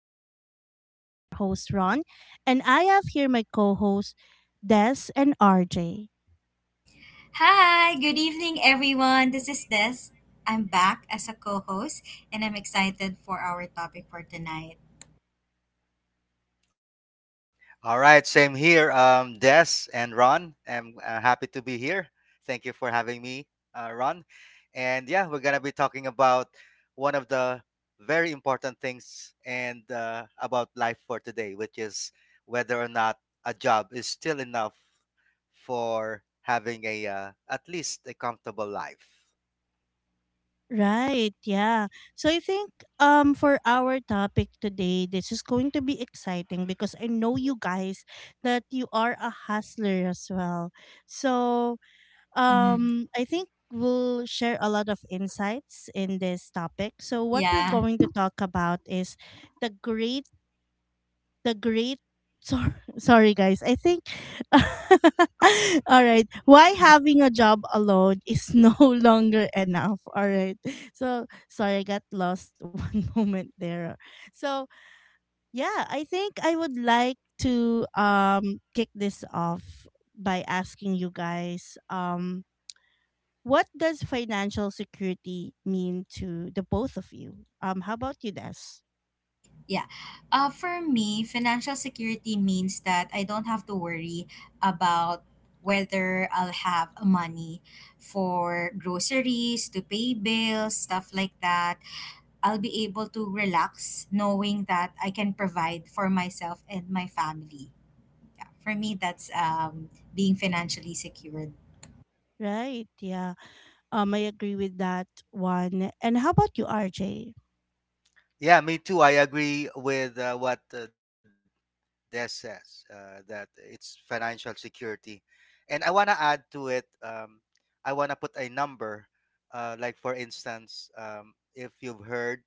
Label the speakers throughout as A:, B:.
A: Podcast. This is your host, Ron, and I have here my co hosts, Des and RJ.
B: Hi, good evening, everyone. This is Des. I'm back as a co host, and I'm excited for our topic for tonight.
C: All right, same here. Des and Ron, I'm happy to be here. Thank you for having me, Ron. And yeah, we're gonna be talking about one of the very important things and about life for today, which is whether or not a job is still enough for having a at least a comfortable life.
A: Right, yeah. So I think for our topic today, this is going to be exciting because I know you guys that you are a hustler as well. So
B: Mm-hmm.
A: I think we'll share a lot of insights in this topic. So what we're
B: Yeah.
A: going to talk about is the great the great. Sorry, sorry guys, I think. All right, why
B: Mhm.
A: having a job alone is no longer enough. All right, so sorry, I got lost one moment there. So yeah, I think I would like to kick this off by asking you guys, what does financial security mean to the both of you? How about you, Des?
B: Yeah. For me, financial security means that I don't have to worry about whether I'll have money for groceries, to pay bills, stuff like that. I'll be able to relax knowing that I can provide for myself and my family. Yeah, for me, that's being financially secured.
A: Right, yeah. I agree with that one. And how about you, RJ?
C: Yeah, me too. I agree with what That says that it's financial security. And I want to add to it, I want to put a number, like for instance, if you've heard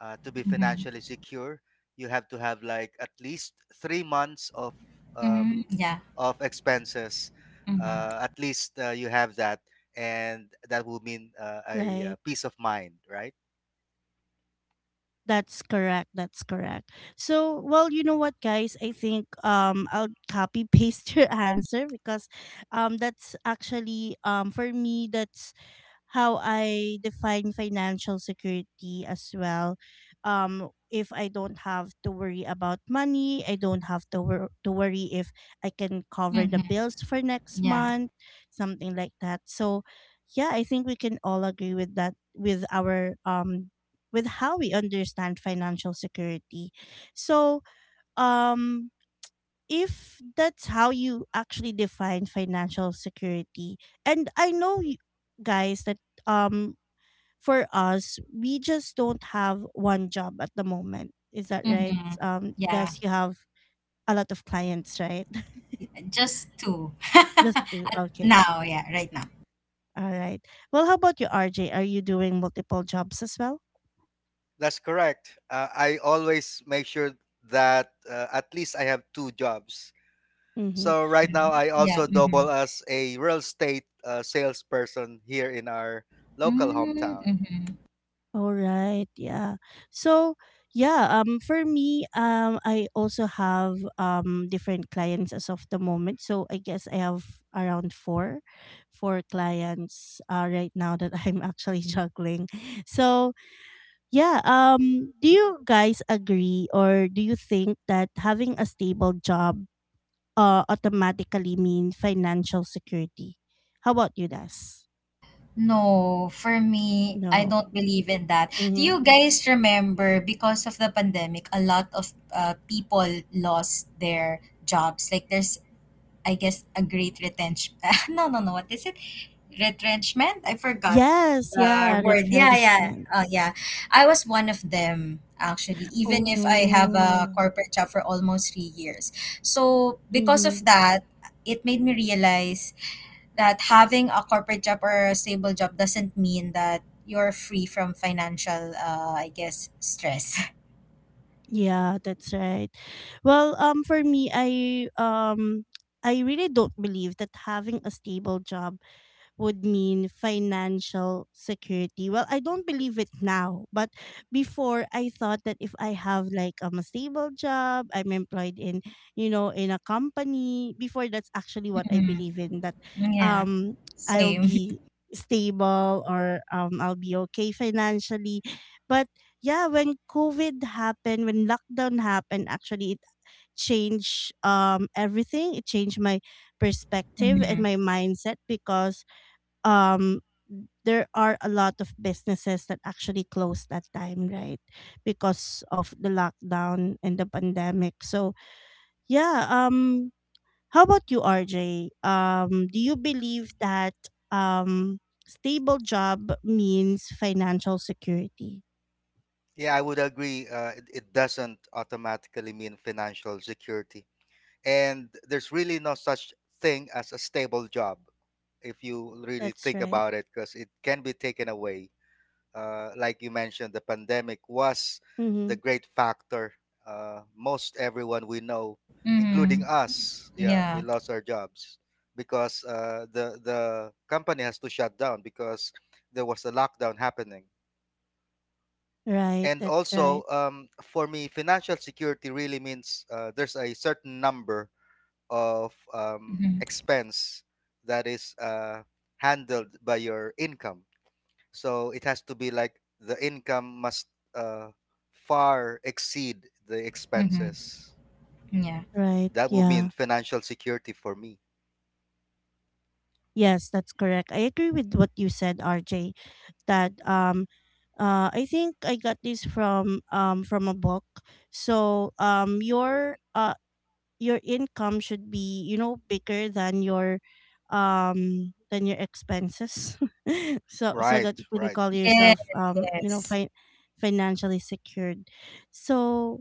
C: to be
B: Mm-hmm.
C: financially secure, you have to have like at least 3 months
B: Mm-hmm.
C: um,
B: Yeah.
C: of expenses.
B: Mm-hmm.
C: At least you have that, and that will mean a
A: Right.
C: peace of mind, right?
A: That's correct. That's correct. So, well, you know what, guys? I think I'll copy paste your answer because that's actually for me, that's how I define financial security as well. If I don't have to worry about money, I don't have to, worry if I can cover
B: Mm-hmm.
A: the bills for next
B: Yeah.
A: month, something like that. So, yeah, I think we can all agree with that, with our, with how we understand financial security. So, um, if that's how you actually define financial security, and I know, you guys, that um for us, we just don't have one job at the moment. Is that right?
B: Mm-hmm. Yeah.
A: Does you have a lot of clients, right?
B: Just two.
A: Just two. Okay.
B: Now, yeah, right now.
A: All right. Well, how about you, RJ? Are you doing multiple jobs as well?
C: That's correct. I always make sure that at least I have two jobs.
A: Mm-hmm.
C: So right now
B: Mhm.
C: I
B: Yeah.
C: also
B: Mm-hmm.
C: double as a real estate salesperson here in our local hometown.
B: Mm-hmm.
A: All right, yeah. So yeah, for me, I also have different clients as of the moment. So I guess I have around four clients right now that I'm actually juggling. So yeah, do you guys agree or do you think that having a stable job automatically means financial security? How about you, Das?
B: No, for me, I
A: No.
B: don't believe in that. Do you
A: Mm-hmm.
B: guys remember because of the pandemic, a lot of people lost their jobs? Like, I guess, a great retrench. No, no, no. What is it? Retrenchment? I forgot.
A: Yes, yeah,
B: Word. Yeah, yeah.
A: retrenchment.
B: Oh, yeah. I was one of them actually, even
A: Oh
B: if I have a
A: no.
B: corporate job for almost 3 years. So because
A: Mhm.
B: of that, it made me realize that having a corporate job or a stable job doesn't mean that you're free from financial, I guess, stress.
A: Yeah, that's right. Well, for me, I really don't believe that having a stable job would mean financial security. Well, I don't believe it now, but before I thought that if I have like a stable job, I'm employed in, you know, in a company. Before, that's actually what I
B: Hmm.
A: believe in, that
B: Yeah.
A: um I'll
B: Same.
A: be stable, or I'll be okay financially. But yeah, when COVID happened, when lockdown happened, actually it changed everything. It changed my perspective and
B: Mm-hmm.
A: my mindset because um there are a lot of businesses that actually closed that time, right, because of the lockdown and the pandemic. So yeah, how about you, RJ? Do you believe that um stable job means financial security?
C: Yeah, I would agree. It doesn't automatically mean financial security, and there's really no such thing as a stable job if you really
A: That's
C: think
A: right.
C: about it, because it can be taken away. Like you mentioned, the pandemic was
A: Mm-hmm.
C: the great factor. Most everyone we know,
B: Mm-hmm.
C: including us, yeah, we
B: Yeah.
C: lost our jobs because the company has to shut down because there was a lockdown happening.
A: Right.
C: And
A: That's right.
C: also, for me, financial security really means there's a certain number of
B: Mm-hmm.
C: expense that is handled by your income, so it has to be like the income must uh, far exceed the
B: Mm-hmm.
C: expenses.
B: Yeah.
A: Right.
C: That would mean
A: Yeah.
C: financial security for me.
A: Yes, that's correct. I agree with what you said, RJ. That I think I got this from a book. So your income should be, you know, bigger than your expenses. So so
C: Right,
A: that you can
C: right.
A: call
B: Yes.
A: yourself you know,
B: Yes.
A: financially secured. So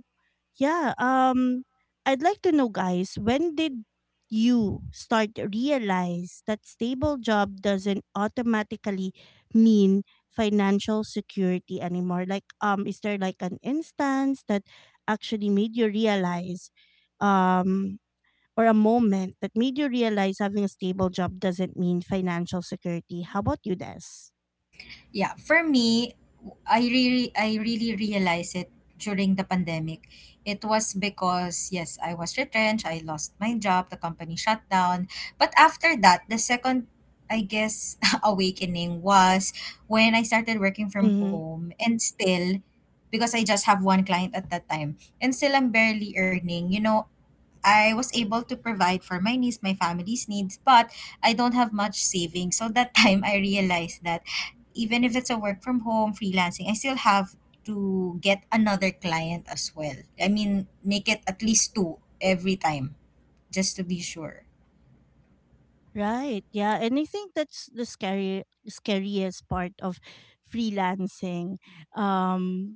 A: yeah, I'd like to know guys, when did you start to realize that stable job doesn't automatically mean financial security anymore? Like, is there like an instance that actually made you realize um or a moment that made you realize having a stable job doesn't mean financial security? How about you, Des?
B: Yeah, for me, I really realized it during the pandemic. It was because yes, I was retrenched, I lost my job, the company shut down. But after that, the second, I guess, awakening was when I started working from
A: Mm-hmm.
B: home and still, because I just have one client at that time, and still I'm barely earning. You know, I was able to provide for my niece, my family's needs, but I don't have much savings. So that time I realized that even if it's a work from home freelancing, I still have to get another client as well. I mean, make it at least two every time, just to be sure.
A: Right. Yeah. And I think that's the scary, scariest part of freelancing. Um,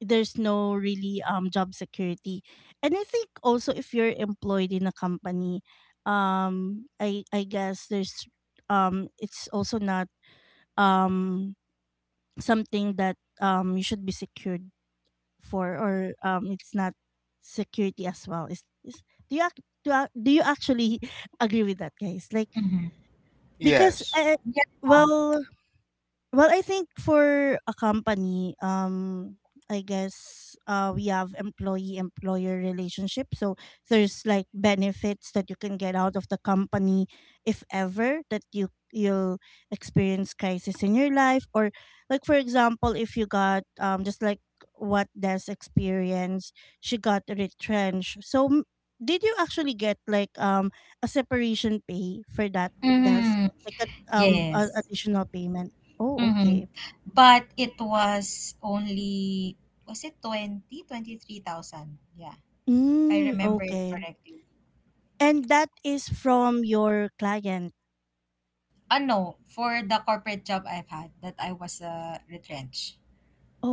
A: there's no really job security, and I think also if you're employed in a company, um I guess there's it's also not um something that you should be secured for, or it's not security as well, is do you do you actually agree with that, guys? Like,
B: Mm-hmm.
A: because
C: Yes.
A: I,
B: Yeah.
A: well. Well, I think for a company, I guess we have employee employer relationship. So there's like benefits that you can get out of the company if ever that you'll experience crisis in your life, or like for example, if you got just like what Des experienced, she got retrenched. So did you actually get like a separation pay for that, Des?
B: Mm-hmm.
A: Like a
B: Yes.
A: additional payment? Oh,
B: Mm-hmm.
A: okay.
B: But it was only, was it twenty twenty three thousand? Yeah, if I
A: Mm,
B: remember it
A: okay.
B: correctly.
A: And that is from your client.
B: Ah no, for the corporate job I've had that I was retrenched,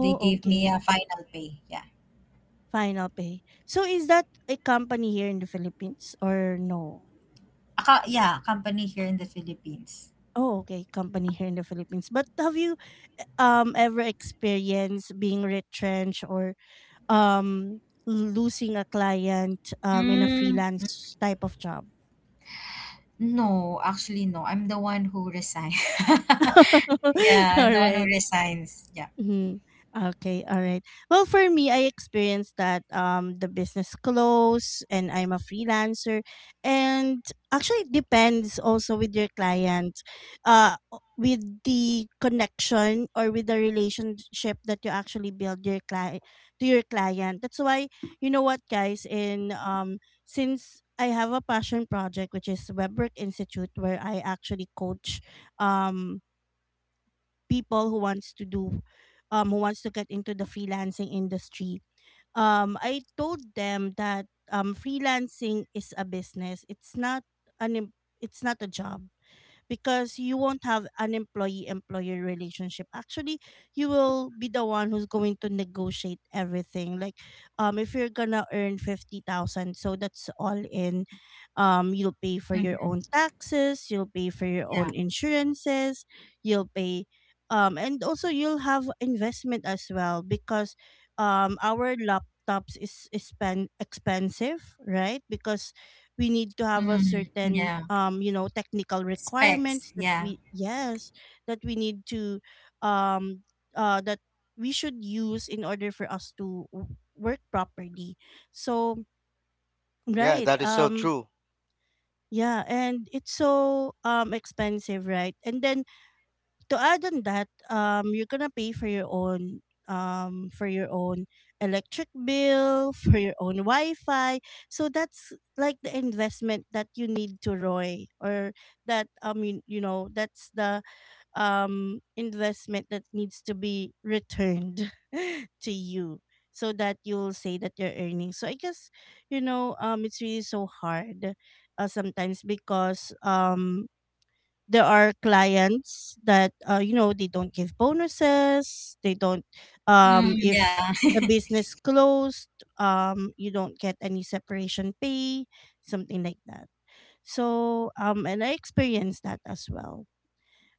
B: they gave me a
A: okay.
B: final pay. Yeah.
A: Final pay. So is that a company here in the Philippines or no?
B: A co yeah, a company here in the Philippines.
A: Oh, okay. Company here in the Philippines. But have you ever experienced being retrenched or um losing a client in a
B: Mm.
A: freelance type of job?
B: No, actually no. I'm the one who resigns. Yeah,
A: All
B: I'm the one who
A: right.
B: resigns. Yeah.
A: Mm-hmm. Okay, all right. Well, for me, I experienced that the business closed and I'm a freelancer, and actually it depends also with your client, with the connection or with the relationship that you actually build your client to your client. That's why, you know what, guys, in since I have a passion project, which is Webwork Institute, where I actually coach um people who wants to do who wants to get into the freelancing industry, I told them that freelancing is a business, it's not an em- it's not a job, because you won't have an employee employer relationship. Actually, you will be the one who's going to negotiate everything, like if you're gonna earn 50,000, so that's all in. Um, you'll pay for your
B: Mhm.
A: own taxes, you'll pay for your
B: Yeah.
A: own insurances, you'll pay. Um, and also you'll have investment as well, because our laptops is spend expensive, right? Because we need to have a
B: Mhm.
A: certain
B: Yeah.
A: you know, technical
B: Specs.
A: requirements that
B: Yeah.
A: we, yes, that we need to um that we should use in order for us to work properly. So
C: Yeah,
A: right,
C: that is so true.
A: yeah, and it's so expensive, right? And then to add on that, you're gonna pay for your own electric bill, for your own Wi-Fi. So that's like the investment that you need to Roy or that, I mean, you know, that's the investment that needs to be returned to you, so that you'll say that you're earning. So I guess, you know, it's really so hard sometimes because there are clients that you know, they don't give bonuses, they don't
B: Mhm.
A: if
B: Yeah.
A: the business closed, you don't get any separation pay, something like that. So and I experienced that as well.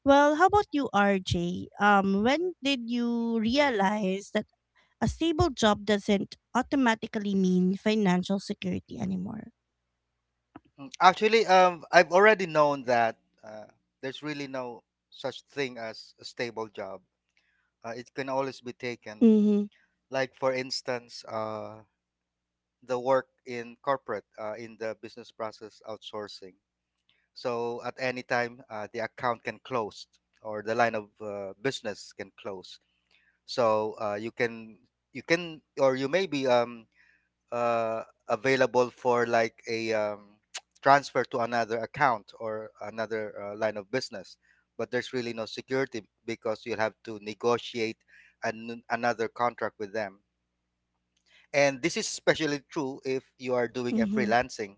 A: Well, how about you, RJ? Um, when did you realize that a stable job doesn't automatically mean financial security anymore?
C: Actually, I've already known that uh, there's really no such thing as a stable job. It can always be taken.
A: Mm-hmm.
C: Like, for instance, the work in corporate, in the business process outsourcing. So at any time, the account can close or the line of business can close. So you can or you may be available for like a transfer to another account or another line of business. But there's really no security because you'll have to negotiate another contract with them. And this is especially true if you are doing a
A: Mm-hmm.
C: freelancing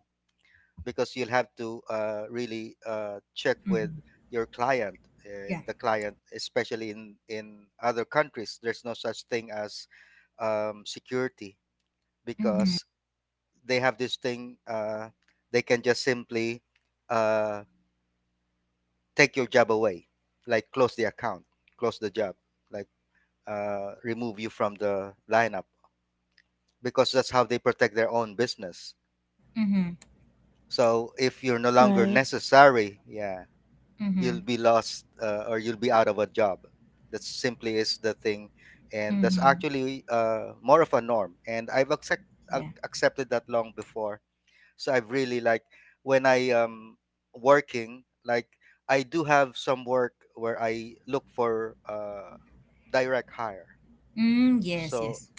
C: because you'll have to really check with
B: Mhm.
C: your client,
B: Yeah.
C: and the client, especially in other countries, there's no such thing as security
B: Mhm.
C: because they have this thing they can just simply uh, take your job away, like close the account, close the job, like remove you from the lineup, because that's how they protect their own business.
B: Mhm.
C: So if you're no longer
A: Right.
C: necessary, yeah, you'll
B: Mhm.
C: be lost or you'll be out of a job. That simply is the thing, and that's
B: Mhm.
C: actually more of a norm. And I've
B: Yeah.
C: accepted that long before. So I've really like when I working, like I do have some work where I look for direct hire.
B: Mm, yes,
C: So
B: yes.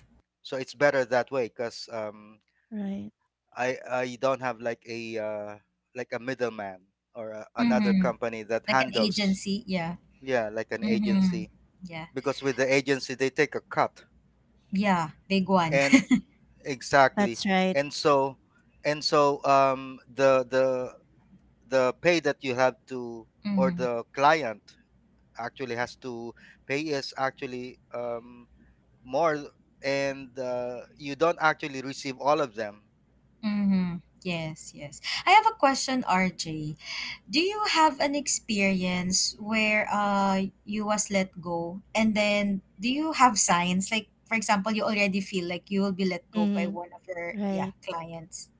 C: it's better that way because um,
A: Right.
C: I I don't have like a middleman or another
B: Mhm.
C: company that
B: Like an
C: handles
B: agency. Yeah.
C: yeah, like an
B: Mhm.
C: agency,
B: Yeah.
C: because with the agency they take a cut
B: Yeah. Big one.
C: and exactly.
A: That's right.
C: And so and so um the the the pay that you have to or
B: Mhm.
C: the client actually has to pay is actually more and you don't actually receive all of them.
B: Mhm. Yes, yes. I have a question, RJ. Do you have an experience where you was let go, and then do you have signs like for example you already feel like you will be let go by
A: Mm-hmm.
B: one of your yeah
A: Right.
B: clients.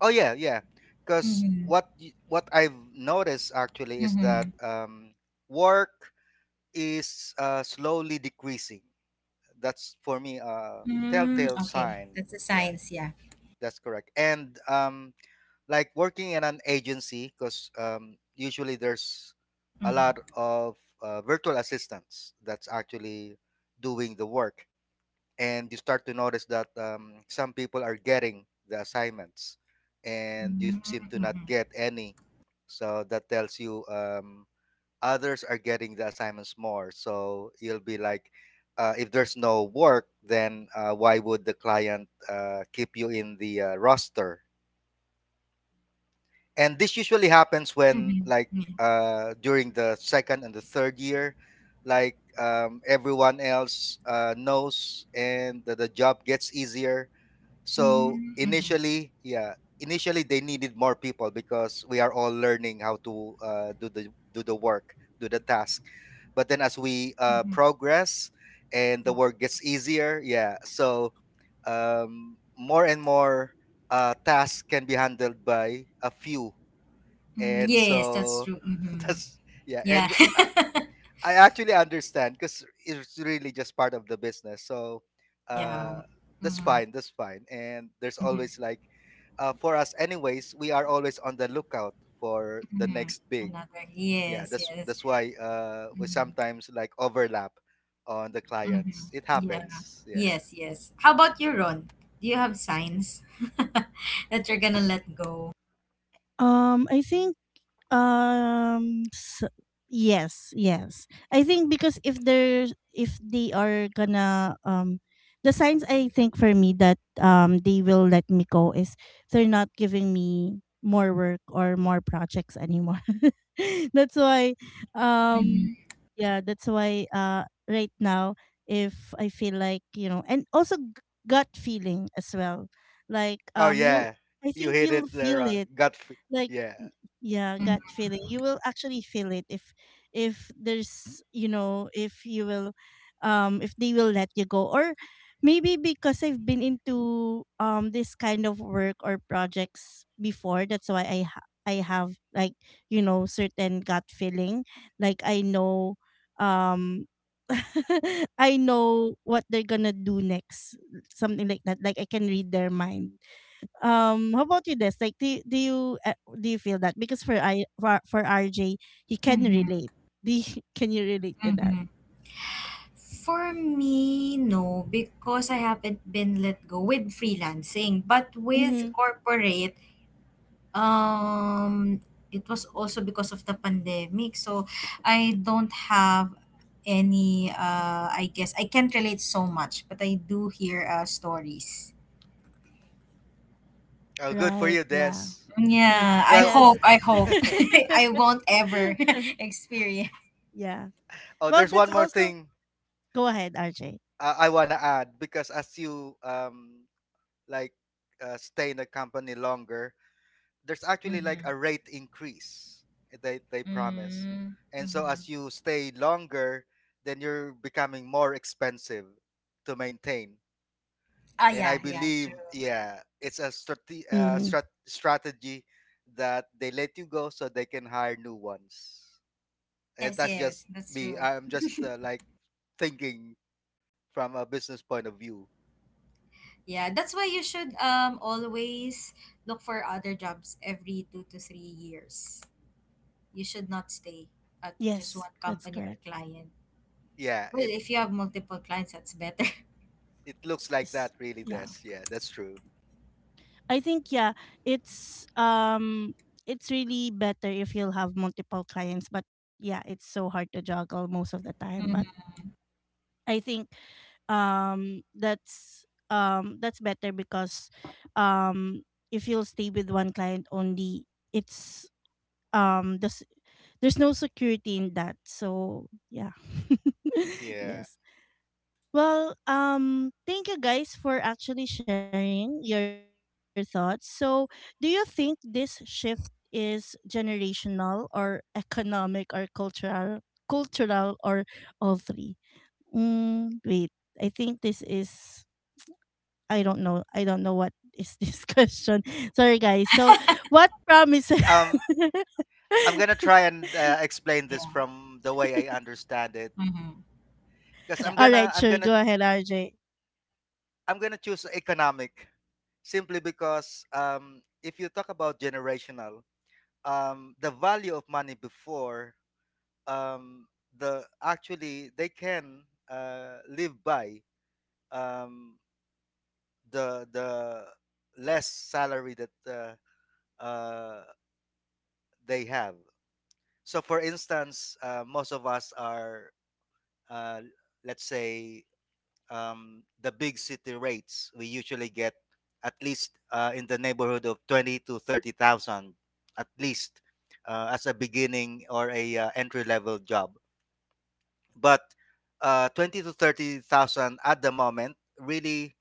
C: Oh yeah, yeah, because
B: Mhm.
C: what I've noticed actually is
B: Mhm.
C: that work is slowly decreasing. That's for me a
B: Mm,
C: telltale
B: okay.
C: sign.
B: That's the
C: Yeah,
B: signs, yeah.
C: that's correct. And like working in an agency, because usually there's a
B: Mhm.
C: lot of virtual assistants that's actually doing the work, and you start to notice that some people are getting the assignments, and you
B: Mm,
C: seem to not
B: mhm.
C: get any. So that tells you. Others are getting the assignments more. So you'll be like, if there's no work, then why would the client keep you in the roster? And this usually happens when,
B: Mhm.
C: like,
B: Yeah.
C: during the second and the third year, like everyone else knows, and the job gets easier. So
B: Mhm. Mhm.
C: initially, yeah, initially they needed more people because we are all learning how to do the work, do the task. But then as we
B: Mhm.
C: progress and the
B: Yeah.
C: work gets easier, yeah, so more and more tasks can be handled by a few,
B: Mm,
C: and
B: yes, that's
C: so
B: true. Mhm.
C: that's yeah,
B: Yeah.
C: and I actually understand because it's really just part of the business. So
B: Yeah.
C: uh, that's
B: Mhm.
C: fine. That's fine. And there's
B: Mhm.
C: always like, for us, anyways, we are always on the lookout for the
B: Mhm.
C: next big.
B: Another.
C: Yeah,
B: Yes,
C: that's
B: yes.
C: why we sometimes like overlap on the
B: Mm-hmm.
C: clients. It
B: Yeah.
C: happens. Yeah.
B: Yes, yes. How about your own? Do you have signs that you're gonna let go?
A: I think um s- yes, yes. I think because if there's, if they are gonna um, the signs, I think, for me that they will let me go is they're not giving me more work or more projects anymore. That's why
B: Mm-hmm.
A: um yeah, that's why right now, if I feel like, you know, and also gut feeling as well. Like
C: Oh
A: you,
C: yeah,
A: I
C: you
A: think
C: hit
A: you'll
C: it there.
A: feel it, like
C: Yeah.
A: y- yeah,
B: Mm-hmm.
A: gut feeling, you will actually feel it if there's, you know, if you will if they will let you go. Or maybe because I've been into this kind of work or projects before, that's why I have like, you know, certain gut feeling, like I know, um I know what they're gonna do next, something like that, like I can read their mind. Um, how about you, Des? Like, do you do you feel that, because for for RJ, he can
B: Mm-hmm.
A: relate. Do you, can you relate to that?
B: Mm-hmm. For me, no, because I haven't been let go with freelancing, but with
A: Mm-hmm.
B: corporate, um, it was also because of the pandemic. So I don't have any, I guess I can't relate so much, but I do hear stories.
C: Oh, good for
A: Right,
C: you, Des.
A: yeah. Mm.
B: Yeah,
C: Well,
A: Yes.
B: I hope I won't ever experience.
A: Yeah,
C: oh,
A: well
C: there's
A: that's
C: one more
A: also,
C: thing
A: go ahead, RJ.
C: I wanna add because as you like stay in the company longer, there's actually like
B: Mm-hmm.
C: a rate increase they promise. And so
B: Mm-hmm.
C: as you stay longer, then you're becoming more expensive to maintain.
B: Ah,
C: And I
B: yeah, yeah,
C: believe,
B: true.
C: yeah, it's a
A: Mm-hmm.
C: strategy that they let you go so they can hire new ones. And
B: Yes,
C: that's just
B: yes, that's
C: me.
B: true.
C: I'm just like thinking from a business point of view.
B: Yeah, that's why you should always look for other jobs every 2 to 3 years. You should not stay at just
A: Yes,
B: one
A: that's
B: company or
A: correct.
B: client.
C: Yeah,
B: Well, if you have multiple clients, that's better.
C: it looks like
A: Yes.
C: that really
A: Yeah,
C: does. Yeah, that's true.
A: I think yeah, it's um, it's really better if you'll have multiple clients, but yeah, it's so hard to juggle most of the time. But
B: Mm-hmm.
A: I think um that's that's better because um if you'll stay with one client only, it's um there's there's no security in that. So yeah,
C: Yeah.
A: yes. Well, thank you guys for actually sharing your thoughts. So, do you think this shift is generational or economic or cultural or all three? Mm, wait. I think this is, I don't know. I don't know what is this question. Sorry guys. So what promise?
C: um I'm gonna try and explain this
B: Yeah.
C: from the way I understand it
B: Mm-hmm.
C: because
B: Yeah.
C: i'm
A: All
C: gonna
A: right,
C: i'm
A: sure.
C: gonna
A: Go ahead, RJ.
C: i'm gonna choose economic, simply because if you talk about generational, the value of money before, um the actually they can live by um the less salary that uh they have. So for instance, most of us are uh let's say, the big city rates, we usually get at least in the neighborhood of 20 to 30,000, at least as a beginning or a entry level job. But 20 to 30,000 at the moment really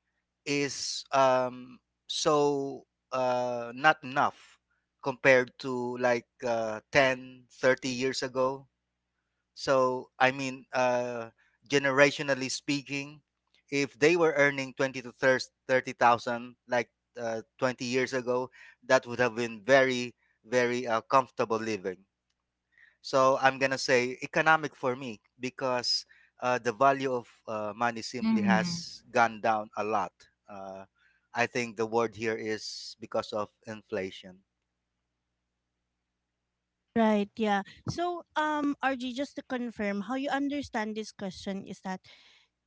C: is so not enough compared to like 10 30 years ago. So I mean, generationally speaking, if they were earning 20 to 30,000 like 20 years ago, that would have been very, very comfortable living. So I'm gonna say economic for me because the value of money simply
B: Mm-hmm.
C: has gone down a lot. Uh, I think the word here is because of inflation.
A: Right, yeah. So RJ, just to confirm how you understand this question, is that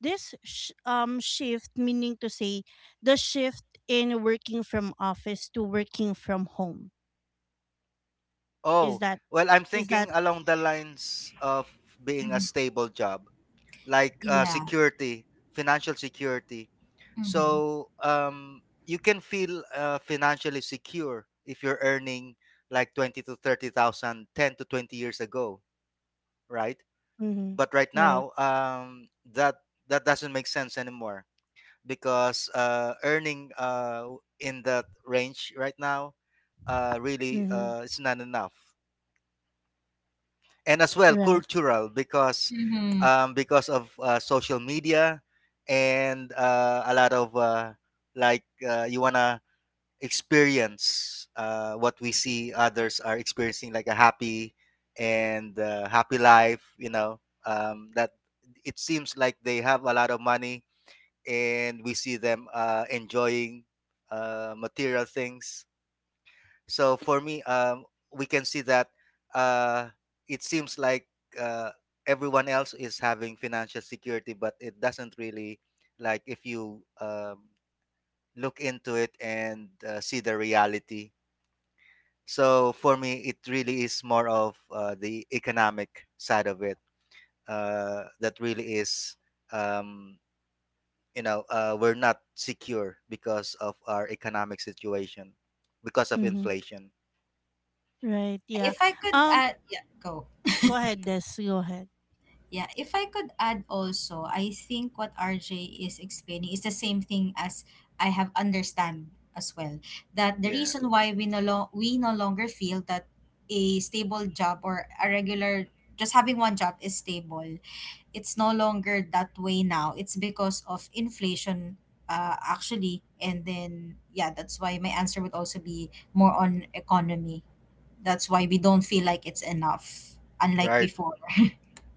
A: this shift, meaning to say the shift in working from office to working from home. Is
C: Oh,
A: that,
C: well, I'm
A: is
C: thinking
A: that
C: along the lines of being a
B: Mm-hmm.
C: stable job, like
B: Yeah.
C: security, financial security.
B: Mm-hmm.
C: So you can feel financially secure if you're earning like twenty to thirty thousand ten to 20 years ago, right?
A: mhm,
C: But right
A: right.
C: now, that doesn't make sense anymore because earning in that range right now, really
A: Mhm,
C: it's not enough. And as well
A: right.
C: cultural,
B: Mm-hmm.
C: because of social media and a lot of like you wanna experience what we see others are experiencing, like a happy and happy life, you know, that it seems like they have a lot of money, and we see them enjoying material things. So for me, we can see that uh, it seems like uh, everyone else is having financial security, but it doesn't really, like if you look into it and see the reality. So for me, it really is more of the economic side of it that really is, um, you know, we're not secure because of our economic situation, because of
A: Mm-hmm.
C: inflation.
A: Right.
B: Yeah.
A: Yeah.
B: If I could,
A: Um.
B: yeah, go.
A: Go ahead, Des. Go ahead.
B: Yeah, if I could add also, I think what RJ is explaining is the same thing as I have understand as well. That the
C: Yeah.
B: reason why we no longer feel that a stable job or a regular just having one job is stable. It's no longer that way now. It's because of inflation, actually, and then yeah, that's why my answer would also be more on economy. That's why we don't feel like it's enough unlike
C: Right.
B: before.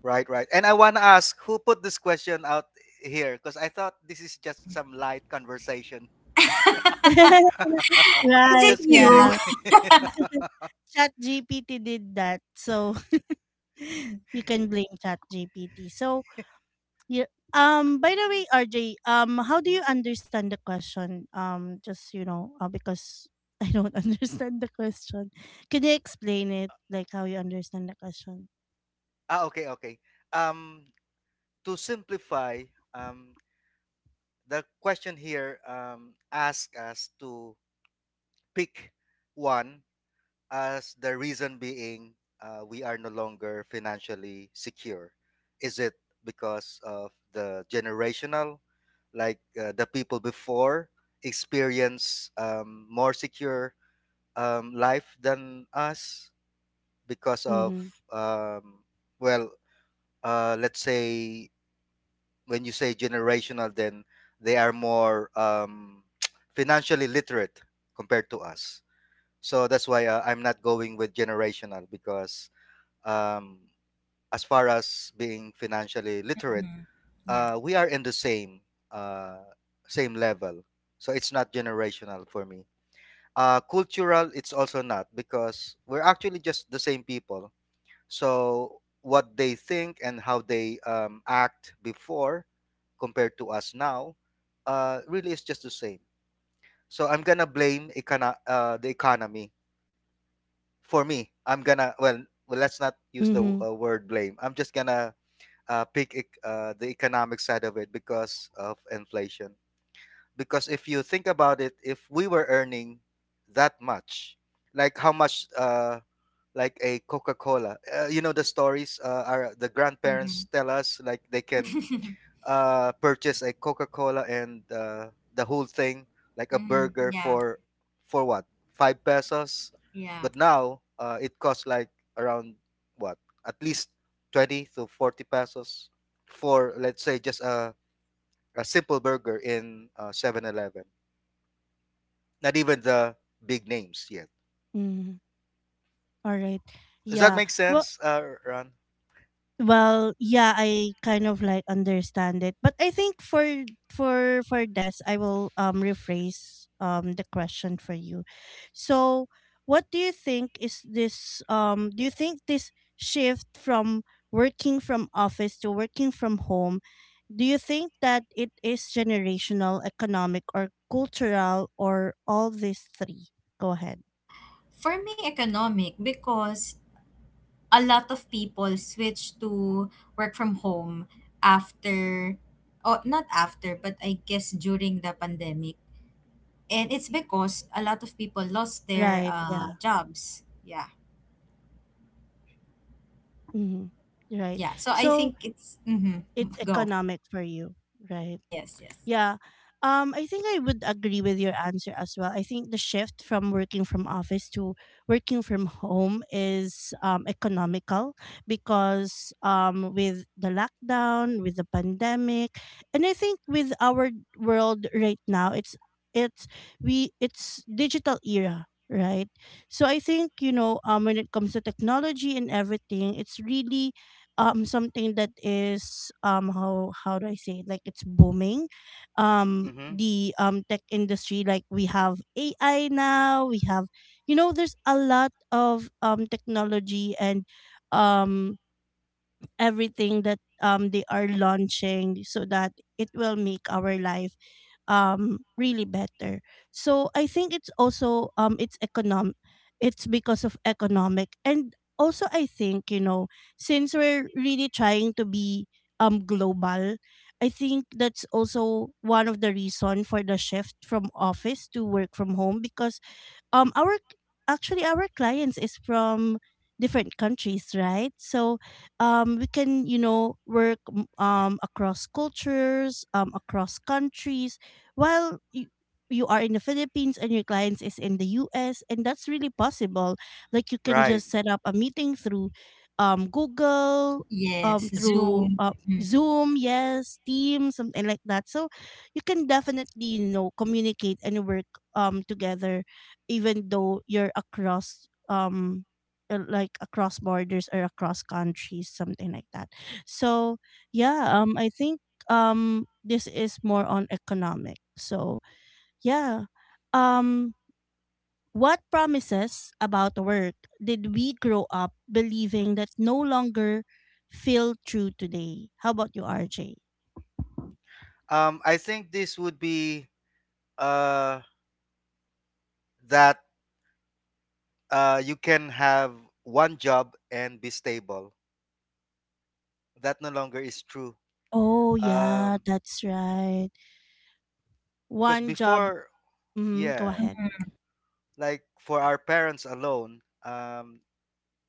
C: Right, right. And I want to ask who put this question out here because I thought this is just some light conversation.
B: Is
A: Right.
B: it
C: Just kidding.
B: you?
A: Yeah. Chat GPT did that, so you can blame Chat GPT. So yeah. By the way, RJ. How do you understand the question? Just you know. Because I don't understand the question. Can you explain it? Like how you understand the question?
C: Ah, okay, okay. Um, to simplify, um, the question here asks us to pick one as the reason being we are no longer financially secure. Is it because of the generational, like the people before experience more secure life than us because of
A: Mm-hmm.
C: um, well let's say, when you say generational, then they are more financially literate compared to us. So that's why I'm not going with generational, because um, as far as being financially literate,
B: Mhm. Yeah.
C: we are in the same uh, same level. So it's not generational for me. Cultural, it's also not because we're actually just the same people. So what they think and how they act before compared to us now, really is just the same. So I'm gonna blame the economy for me. I'm gonna well, well let's not use the
A: Mm-hmm.
C: word blame. I'm just gonna the economic side of it because of inflation. Because if you think about it, if we were earning that much, like how much, like a Coca Cola, the stories are the grandparents
B: Hmm.
C: tell us like they can
B: Hmm.
C: purchase a Coca Cola and the whole thing, like a burger
B: Yeah,
C: for what, five pesos,
B: yeah.
C: but now it costs like around, what, at least 20 to 40 pesos for let's say just a simple burger in 7. Not even the big names yet.
A: Mm-hmm. All right.
C: Does that
A: Yeah.
C: make
A: Well.
C: sense, Ron?
A: Well, yeah, I kind of like understand it, but I think for this, I will rephrase the question for you. So, what do you think is this? Do you think this shift from working from office to working from home, do you think that it is generational, economic, or cultural, or all these three? Go ahead.
B: For me, economic because a lot of people switch to work from home after, or not after, but I guess during the pandemic, and it's because a lot of people lost their
A: Right, yeah.
B: jobs. Yeah,
A: Mhm. Right.
B: yeah. So I
A: So,
B: think it's mm-hmm,
A: it's
B: go.
A: economic for you, right?
B: Yes, yes,
A: Yeah. I think I would agree with your answer as well. I think the shift from working from office to working from home is economical because with the lockdown, with the pandemic, and I think with our world right now, it's it's digital era, right? So I think when it comes to technology and everything, it's really something that is how do I say it? Like it's booming
C: Mm-hmm.
A: the tech industry. Like we have AI now, we have there's a lot of technology and um everything that they are launching so that it will make our life really better. So I think it's also it's because of economic, and also I think since we're really trying to be global, I think that's also one of the reason for the shift from office to work from home because our actually our clients is from different countries, right? So we can you know work across cultures, across countries, while you, you are in the Philippines and your clients is in the US, and that's really possible. Like you can
C: Right.
A: just set up a meeting through Google,
B: yes.
A: through
B: Zoom. Hmm.
A: Zoom, yes, Teams, something like that. So you can definitely you know communicate and work together, even though you're across like across borders or across countries, something like that. So yeah, I think this is more on economic. So yeah, um what promises about work did we grow up believing that no longer feel true today? How about you, RJ?
C: I think this would be uh that you can have one job and be stable. That no longer is true.
A: Oh, yeah,
C: Um,
A: that's right.
C: because
A: One job.
C: before,
A: Mm, go
C: yeah,
A: ahead.
C: like for our parents alone,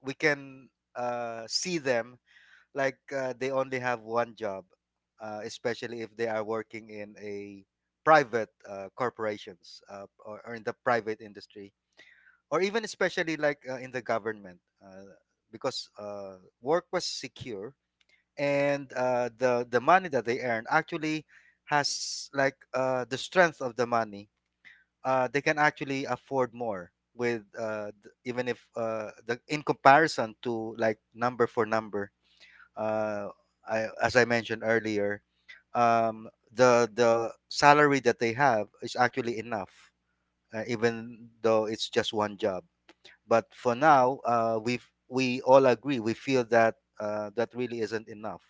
C: we can see them, like they only have one job, especially if they are working in a private corporations, or in the private industry, or even especially like in the government, because work was secure, and the money that they earn actually has, like the strength of the money. They can actually afford more with, even if, the, in comparison to like number for number. Uh, I, as I mentioned earlier, um, the salary that they have is actually enough, even though it's just one job. But for now, we all agree, we feel that really isn't enough.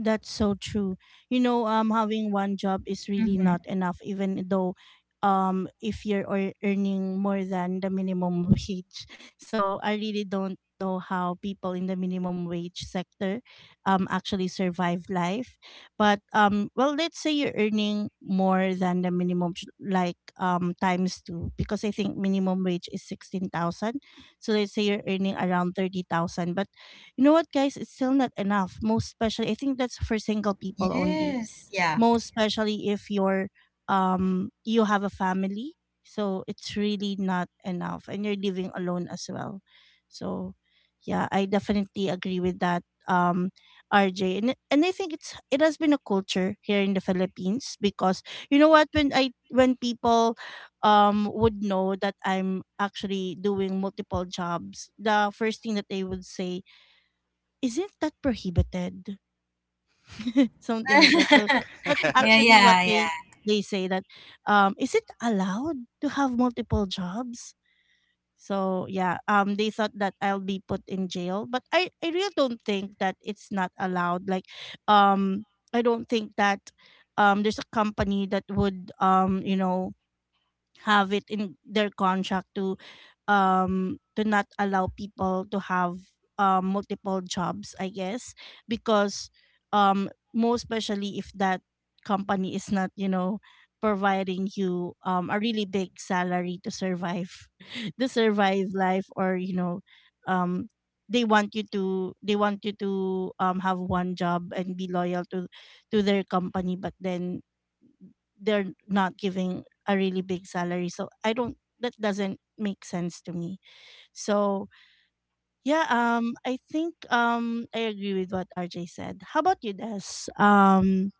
A: That's so true. You know, having one job is really
B: Mm-hmm.
A: not enough, even though, if you're earning more than the minimum wage. So I really don't know how people in the minimum wage sector, actually survive life. But well, let's say you're earning more than the minimum, like times two, because I think minimum wage is 16,000. So let's say you're earning around 30,000, but you know what, guys? It's still not enough. Most especially, I think that's for single people only.
B: Yes. Yeah.
A: Most especially if you're, you have a family, so it's really not enough, and you're living alone as well. So, yeah, I definitely agree with that, um, RJ. And I think it's it has been a culture here in the Philippines because you know what, when I when people would know that I'm actually doing multiple jobs, the first thing that they would say isn't that prohibited? Something like that. So that's
B: Yeah,
A: actually what
B: yeah, yeah.
A: they say that, is it allowed to have multiple jobs? So yeah, they thought that I'll be put in jail, but I really don't think that it's not allowed. Like, um I don't think that there's a company that would you know have it in their contract to not allow people to have multiple jobs, I guess, because most especially if that company is not you know providing you a really big salary to survive to survive life, or you know um they want you to have one job and be loyal to their company, but then they're not giving a really big salary, so I don't, that doesn't make sense to me. So yeah, I think I agree with what RJ said. How about you, Des? Um,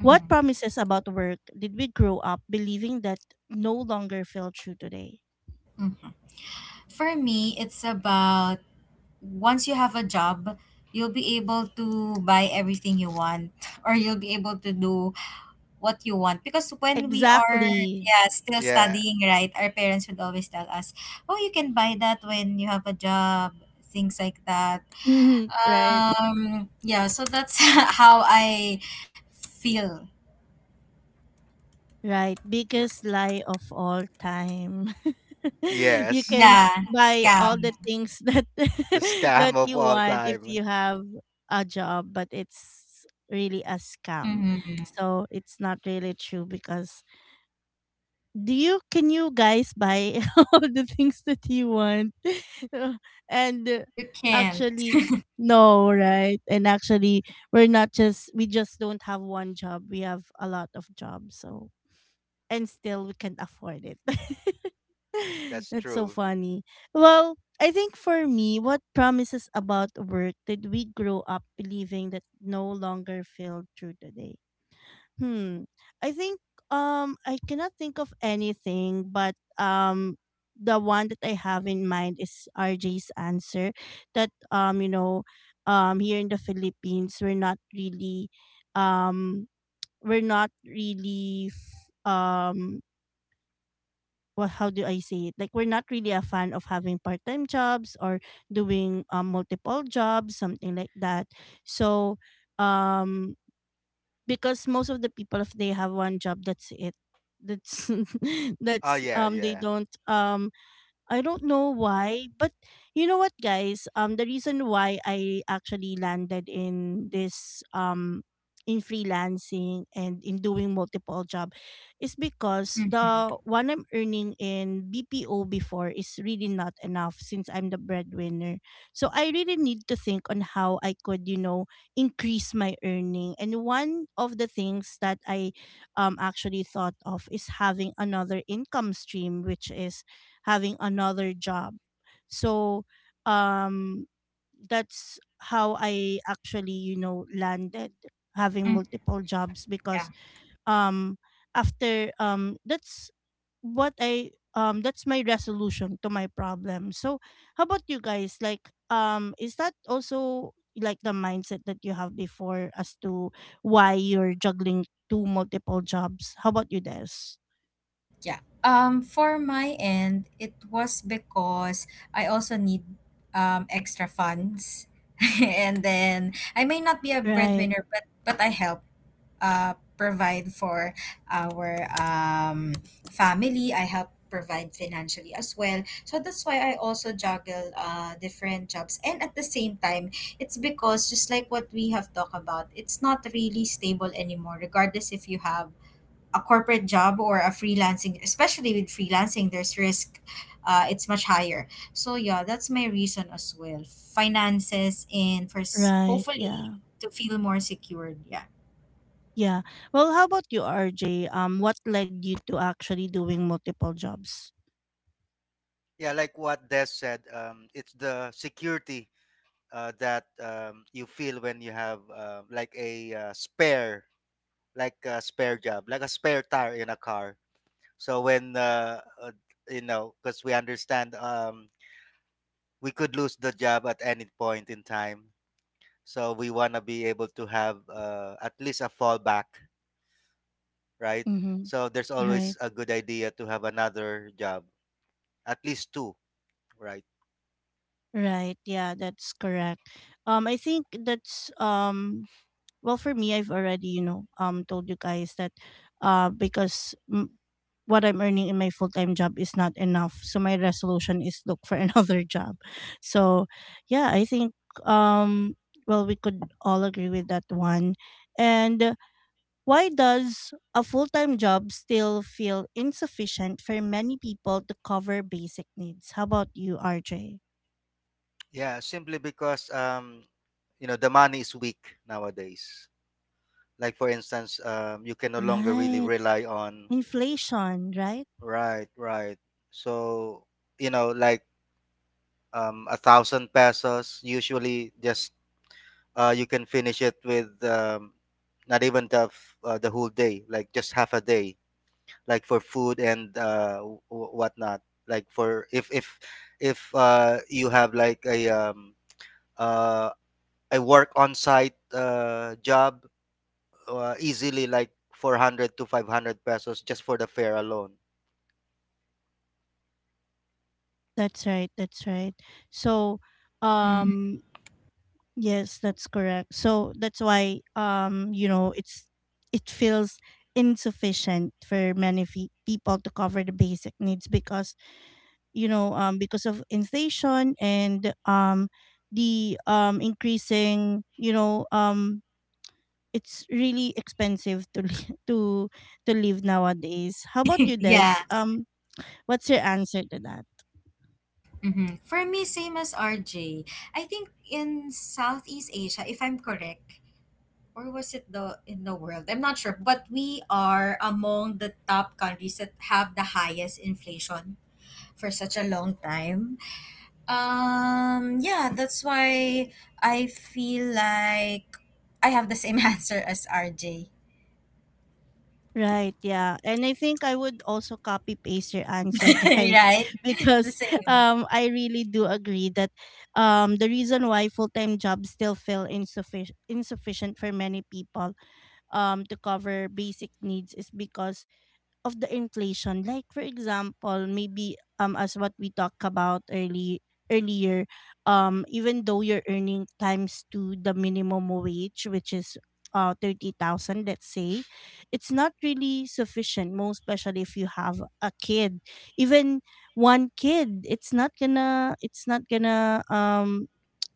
A: what promises about work did we grow up believing that no longer feel true today?
B: Hmm. For me, it's about once you have a job, you'll be able to buy everything you want, or you'll be able to do what you want. Because when we are,
A: Exactly.
B: yeah, still
C: yeah
B: studying, right, our parents would always tell us, "Oh, you can buy that when you have a job." Things like that.
A: Hmm. Right.
B: Yeah. So that's how I feel.
A: Right,
C: R-
A: biggest lie of all time. You
C: Yes,
A: can
B: Yeah,
A: buy all
B: scam.
A: the things that
C: the scam
A: that
C: of
A: you
C: all
A: want if
C: time.
A: you have a job, but it's really a scam.
B: Hmm.
A: So it's not really true because do you can you guys buy all the things that you want? And
B: You can't.
A: actually no, right? And actually we just don't have one job. We have a lot of jobs. So and still we can't afford it.
C: That's
A: That's so
C: true.
A: funny. Well, I think for me, what promises about work did we grow up believing that no longer feel true today? Hmm. I think I cannot think of anything, but um the one that I have in mind is RJ's answer that here in the Philippines we're not really um we're not really f- um well, how do I say it? Like we're not really a fan of having part-time jobs or doing multiple jobs, something like that. So, um, because most of the people, if they have one job, that's it. That's
C: Oh
A: that's
C: yeah,
A: they
C: yeah,
A: don't I don't know why, but you know what, guys? The reason why I actually landed in this in freelancing and in doing multiple job is because the
B: Mm-hmm.
A: one I'm earning in BPO before is really not enough since I'm the breadwinner. So I really need to think on how I could, you know, increase my earning. And one of the things that I actually thought of is having another income stream, which is having another job. So um that's how I actually, you know, landed having
B: Mm,
A: multiple jobs
B: yeah,
A: because um after that's what I that's my resolution to my problem. So how about you guys? Like is that also like the mindset that you have before as to why you're juggling two multiple jobs? How about you, Des?
B: yeah. For my end, it was because I also need extra funds, and then I may not be a
A: Right,
B: breadwinner, but I help provide for our family. I help provide financially as well. So that's why I also juggle different jobs, and at the same time, it's because just like what we have talked about, it's not really stable anymore. Regardless if you have a corporate job or a freelancing, especially with freelancing there's risk, it's much higher. So yeah, that's my reason as well, finances, and for s-
A: right,
B: hopefully
A: yeah.
B: to feel more secured. Yeah.
A: Yeah. Well, how about you, RJ? What led you to actually doing multiple jobs?
C: yeah. Like what Des said, it's the security, that, you feel when you have, like a spare, like a spare job, like a spare tire in a car. So when because we understand, we could lose the job at any point in time. So we wanna be able to have, at least a fallback, right?
A: Mm-hmm.
C: So there's always
A: Right.
C: a good idea to have another job, at least two, right?
A: Right. Yeah, that's correct. I think that's. Well, for me, I've already you know told you guys that, because what I'm earning in my full time job is not enough, so my resolution is look for another job. So, yeah, I think um. Well, we could all agree with that one, and why does a full time job still feel insufficient for many people to cover basic needs? How about you, RJ?
C: Yeah, simply because, you know the money is weak nowadays. Like for instance, you can no longer really
A: Right.
C: rely on,
A: Inflation, right?
C: right, right. So, like, 1,000 pesos usually just, you can finish it with, not even the whole day, like just half a day, like for food and, whatnot. Like for if you have like uh, a work on site job, easily like 400 to 500 pesos just for the fare alone.
A: That's right. That's right. So,
B: Mm-hmm.
A: um, yes, that's correct. So that's why, you know, it's it feels insufficient for many people to cover the basic needs because you know because of inflation and the increasing you know it's really expensive to to live nowadays. How about you, Des?
B: Yeah.
A: um what's your answer to that?
B: Mm-hmm. For me, same as RJ. I think in Southeast Asia, if I'm correct, or was it the in the world, I'm not sure, but we are among the top countries that have the highest inflation for such a long time. Yeah, that's why I feel like I have the same answer as RJ,
A: Right, yeah. And I think I would also copy paste your answer, guys,
B: right? It's the
A: because
B: same.
A: I really do agree that the reason why full-time jobs still feel insufficient for many people to cover basic needs is because of the inflation. Like for example, maybe as what we talked about early earlier, even though you're earning times to the minimum wage, which is 30,000, let's say, it's not really sufficient, most especially if you have a kid. Even one kid, it's not gonna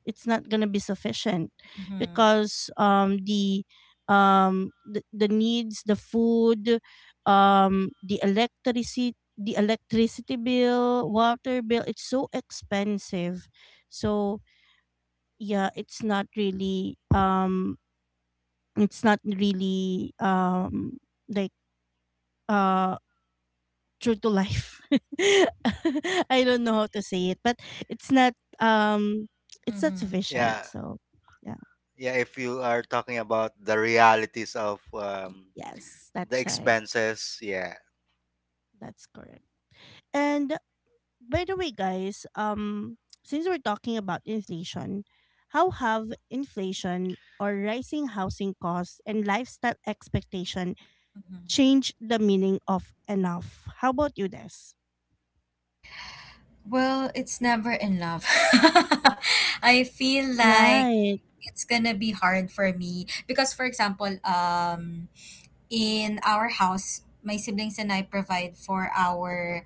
A: it's not going to be sufficient
B: Mm-hmm.
A: because the needs, the food, the electricity bill, water bill, it's so expensive. So yeah, it's not really like uh true to life. I don't know how to say it, but it's not um it's not
B: Mm-hmm.
A: sufficient.
C: Yeah,
A: So yeah.
C: yeah. If you are talking about the realities of,
A: Yes,
C: the
A: that's right.
C: expenses, yeah.
A: That's correct. And by the way, guys, since we're talking about inflation, how have inflation or rising housing costs and lifestyle expectation
B: Mm-hmm.
A: changed the meaning of enough? How about you, Des?
B: Well, it's never in love. I feel like
A: Right,
B: it's gonna be hard for me because, for example, in our house, my siblings and I provide for our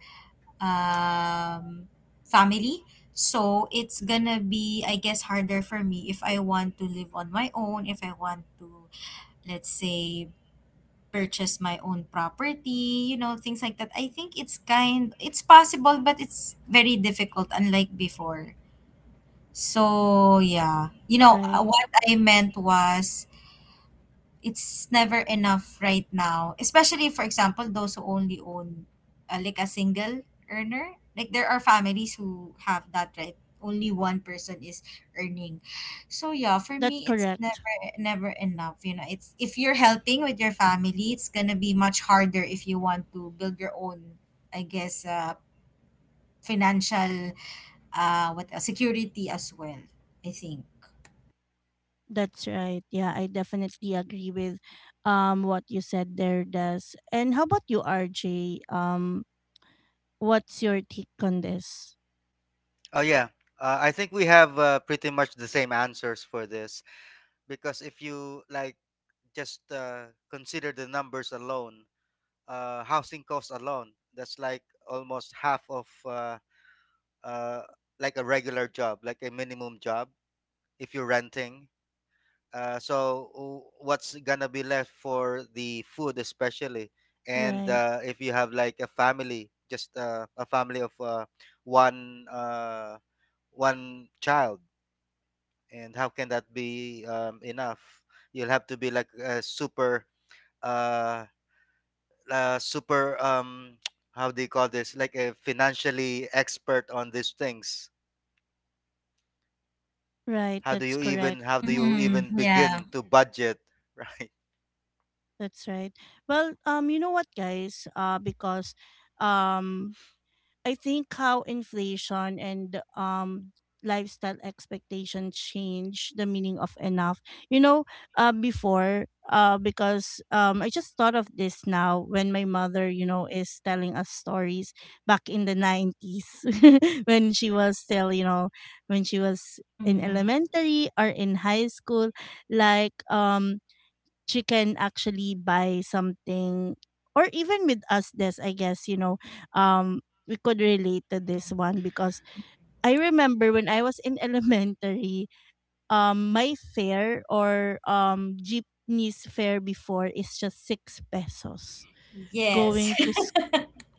B: um, family. So it's gonna be, I guess, harder for me if I want to live on my own, if I want to, let's say, purchase my own property, you know, things like that. I think it's kind, it's possible, but it's very difficult, unlike before. So yeah, you know,
A: right.
B: what I meant was it's never enough right now, especially for example those who only own like a single earner. Like there are families who have that, right? Only one person is earning. So yeah, for
A: That's
B: me it's never,
A: correct.
B: never enough. You know, it's if you're helping with your family, it's gonna be much harder if you want to build your own, I guess, financial, what else, security as well, I think.
A: That's right. Yeah, I definitely agree with what you said there, Des. And how about you, RJ? What's your take on this?
C: Oh yeah. I think we have, pretty much the same answers for this, because if you, like, just consider the numbers alone, housing costs alone. That's like almost half of, uh, like a regular job, like a minimum job if you're renting. So what's gonna be left for the food, especially, and
A: Right.
C: if you have like a family, just a family of one uh, one child, and how can that be, enough? You'll have to be like a super uh, uh, super, how do you call this, like a financially expert on these things.
A: Right,
C: how do
A: that's
C: you even
A: correct.
C: how do you even
B: Mm-hmm. Yeah.
C: begin to budget, right?
A: That's right. Well, you know what, guys? Because, um, I think how inflation and lifestyle expectation change the meaning of enough. You know, before, because I just thought of this now when my mother is telling us stories back in the 90s when she was still when she was in
B: Mm-hmm.
A: elementary or in high school. Like, she can actually buy something. Or even with us, this I guess. um we could relate to this one because I remember when I was in elementary. My fare or jeepney's fare before is just 6 pesos
B: Yes.
A: going to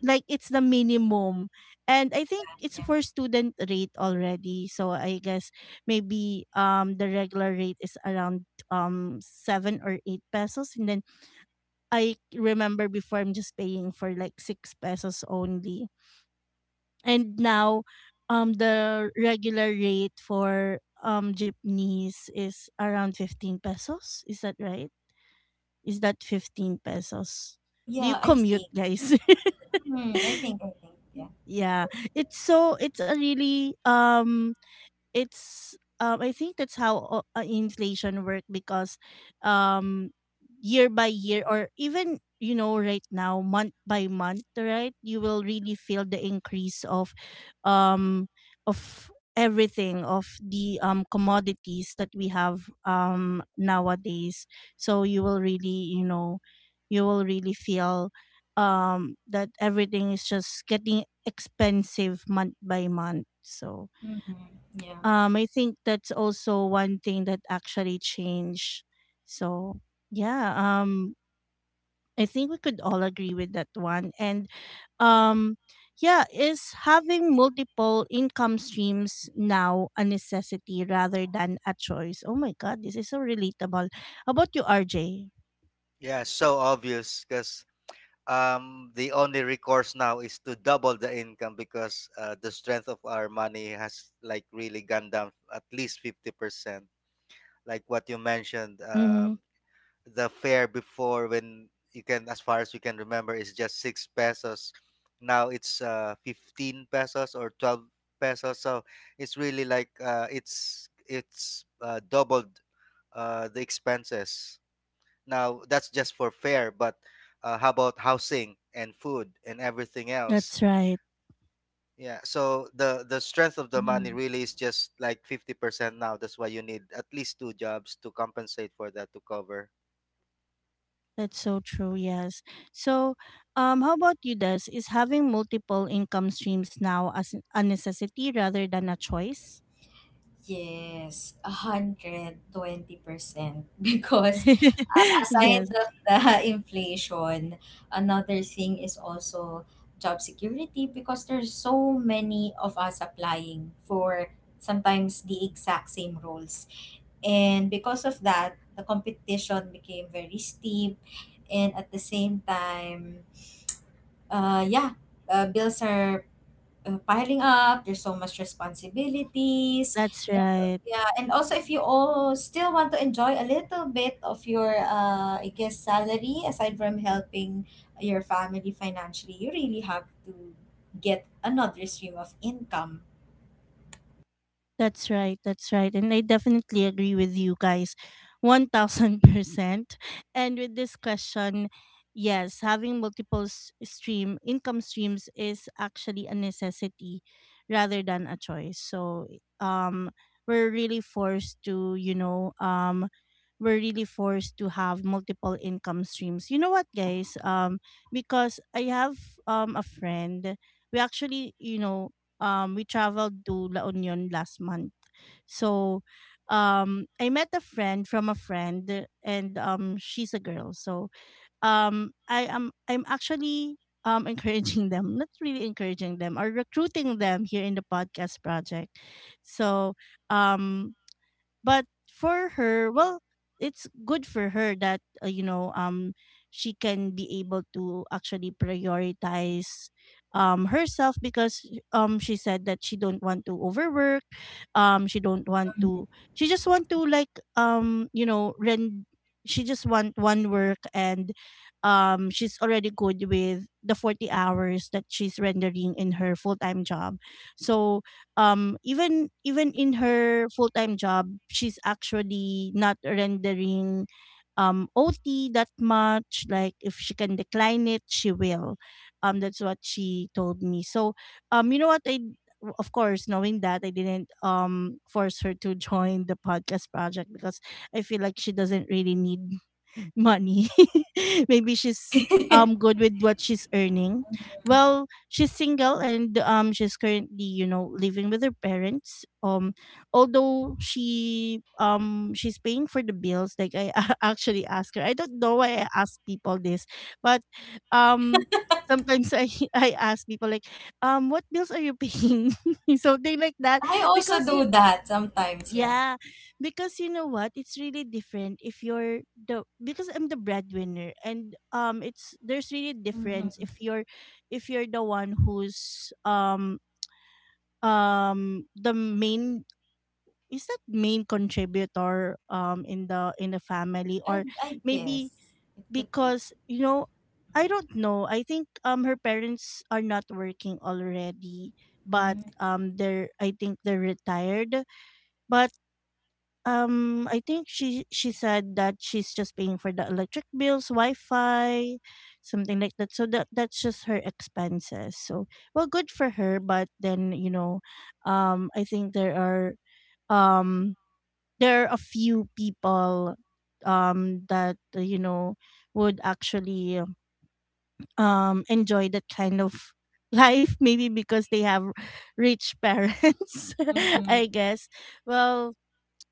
A: like it's the minimum. And I think it's
B: Yeah.
A: for student rate already, so I guess maybe the regular rate is around 7 or 8 pesos. And then I remember before I'm just paying for like 6 pesos only. And now the regular rate for jeepneys is around 15 pesos. Is that right? Is that 15 pesos? Do you
B: Yeah, I
A: commute,
B: think.
A: guys?
B: Mm, I think, yeah.
A: Yeah. It's so it's a really it's, I think that's how inflation work, because um year by year, or even, you know, right now, month by month, right, you will really feel the increase um of everything, of the commodities that we have nowadays. So you will really, you know, you will really feel that everything is just getting expensive month by month. So
B: Mm-hmm. Yeah.
A: I think that's also one thing that actually changed. So yeah, I think we could all agree with that one. And um yeah, is having multiple income streams now a necessity rather than a choice? Oh my god, this is so relatable. How about you, RJ?
C: Yeah, so obvious, because the only recourse now is to double the income, because the strength of our money has, like, really gone down at least 50%, like what you mentioned.
A: Mm-hmm.
C: The fare before, when you can as far as you can remember, is just 6 pesos. Now it's 15 pesos or 12 pesos, so it's really like it's, doubled, the expenses. Now that's just for fare, but, how about housing and food and everything else?
A: That's right.
C: Yeah, so the strength of the money
B: Mm-hmm.
C: really is just like 50% now. That's why you need at least two jobs to compensate for that, to cover.
A: That's so true. Yes. So how about you, Des? Is having multiple income streams now as a necessity rather than a choice?
B: Yes, 120%. Because
A: Yes,
B: aside of the inflation, another thing is also job security because there's so many of us applying for sometimes the exact same roles. And because of that, the competition became very steep. And at the same time, uh, yeah, bills are piling up. There's so much responsibilities.
A: that's
B: And,
A: right.
B: yeah, and also if you all still want to enjoy a little bit of your, I guess, salary aside from helping your family financially, you really have to get another stream of income.
A: That's right. That's right. And I definitely agree with you guys 1000%. And with this question, yes, having multiple stream income streams is actually a necessity rather than a choice. So, um we're really forced to, you know, um we're really forced to have multiple income streams. You know what, guys? Because I have a friend. We we traveled to La Union last month. So I met a friend from a friend. And she's a girl. So I'm actually encouraging them, not really encouraging them, or recruiting them here in the podcast project. So um but for her, well, it's good for her that, she can be able to actually prioritize herself, because she said that she don't want to overwork. She don't want to She just want to like, you know rend she just want one work. And she's already good with the 40 hours that she's rendering in her full-time job. So even in her full-time job, she's actually not rendering OT that much. Like, if she can decline it, she will. That's what she told me. So you know what, of course, knowing that, I didn't force her to join the podcast project, because I feel like she doesn't really need money. Maybe she's
B: I
A: good with what she's earning. Well, she's single, and she's currently, you know, living with her parents. Although she's paying for the bills. Like, I actually ask her. I don't know why I ask people this, but um sometimes I I ask people like, what bills are you paying? Something like that.
B: also
A: Because
B: do
A: you
B: that sometimes. Yeah.
A: Yeah, because you know what, it's really different if you're the because I'm the breadwinner. And it's there's really difference
B: Mm-hmm.
A: if you're the one who's the main. Is that main contributor in the family, or
B: I
A: maybe,
B: guess it could be.
A: because, you know, I don't know. I think her parents are not working already, but
B: Mm-hmm.
A: they're I think they're retired. But I think she said that she's just paying for the electric bills, Wi-Fi, something like that. So that's just her expenses. So, well, good for her. But then, you know, I think there are um a few people that, would actually enjoy that kind of life. Maybe because they have rich parents, I
B: Mm-hmm.
A: guess. Well,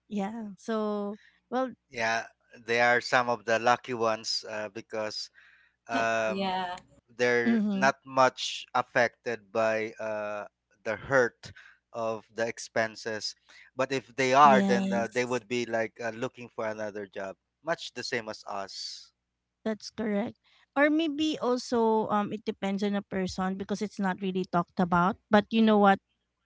A: yeah. So, well.
C: Yeah, they are some of the lucky ones, because, um,
B: Yeah.
C: they're
A: Mm-hmm.
C: not much affected by, the hurt of the expenses. But if they are, then, they
A: Yes,
C: would be like, looking for another job, much the same as us.
A: that's correct. Or maybe also it depends on a person, because it's not really talked about. But you know what?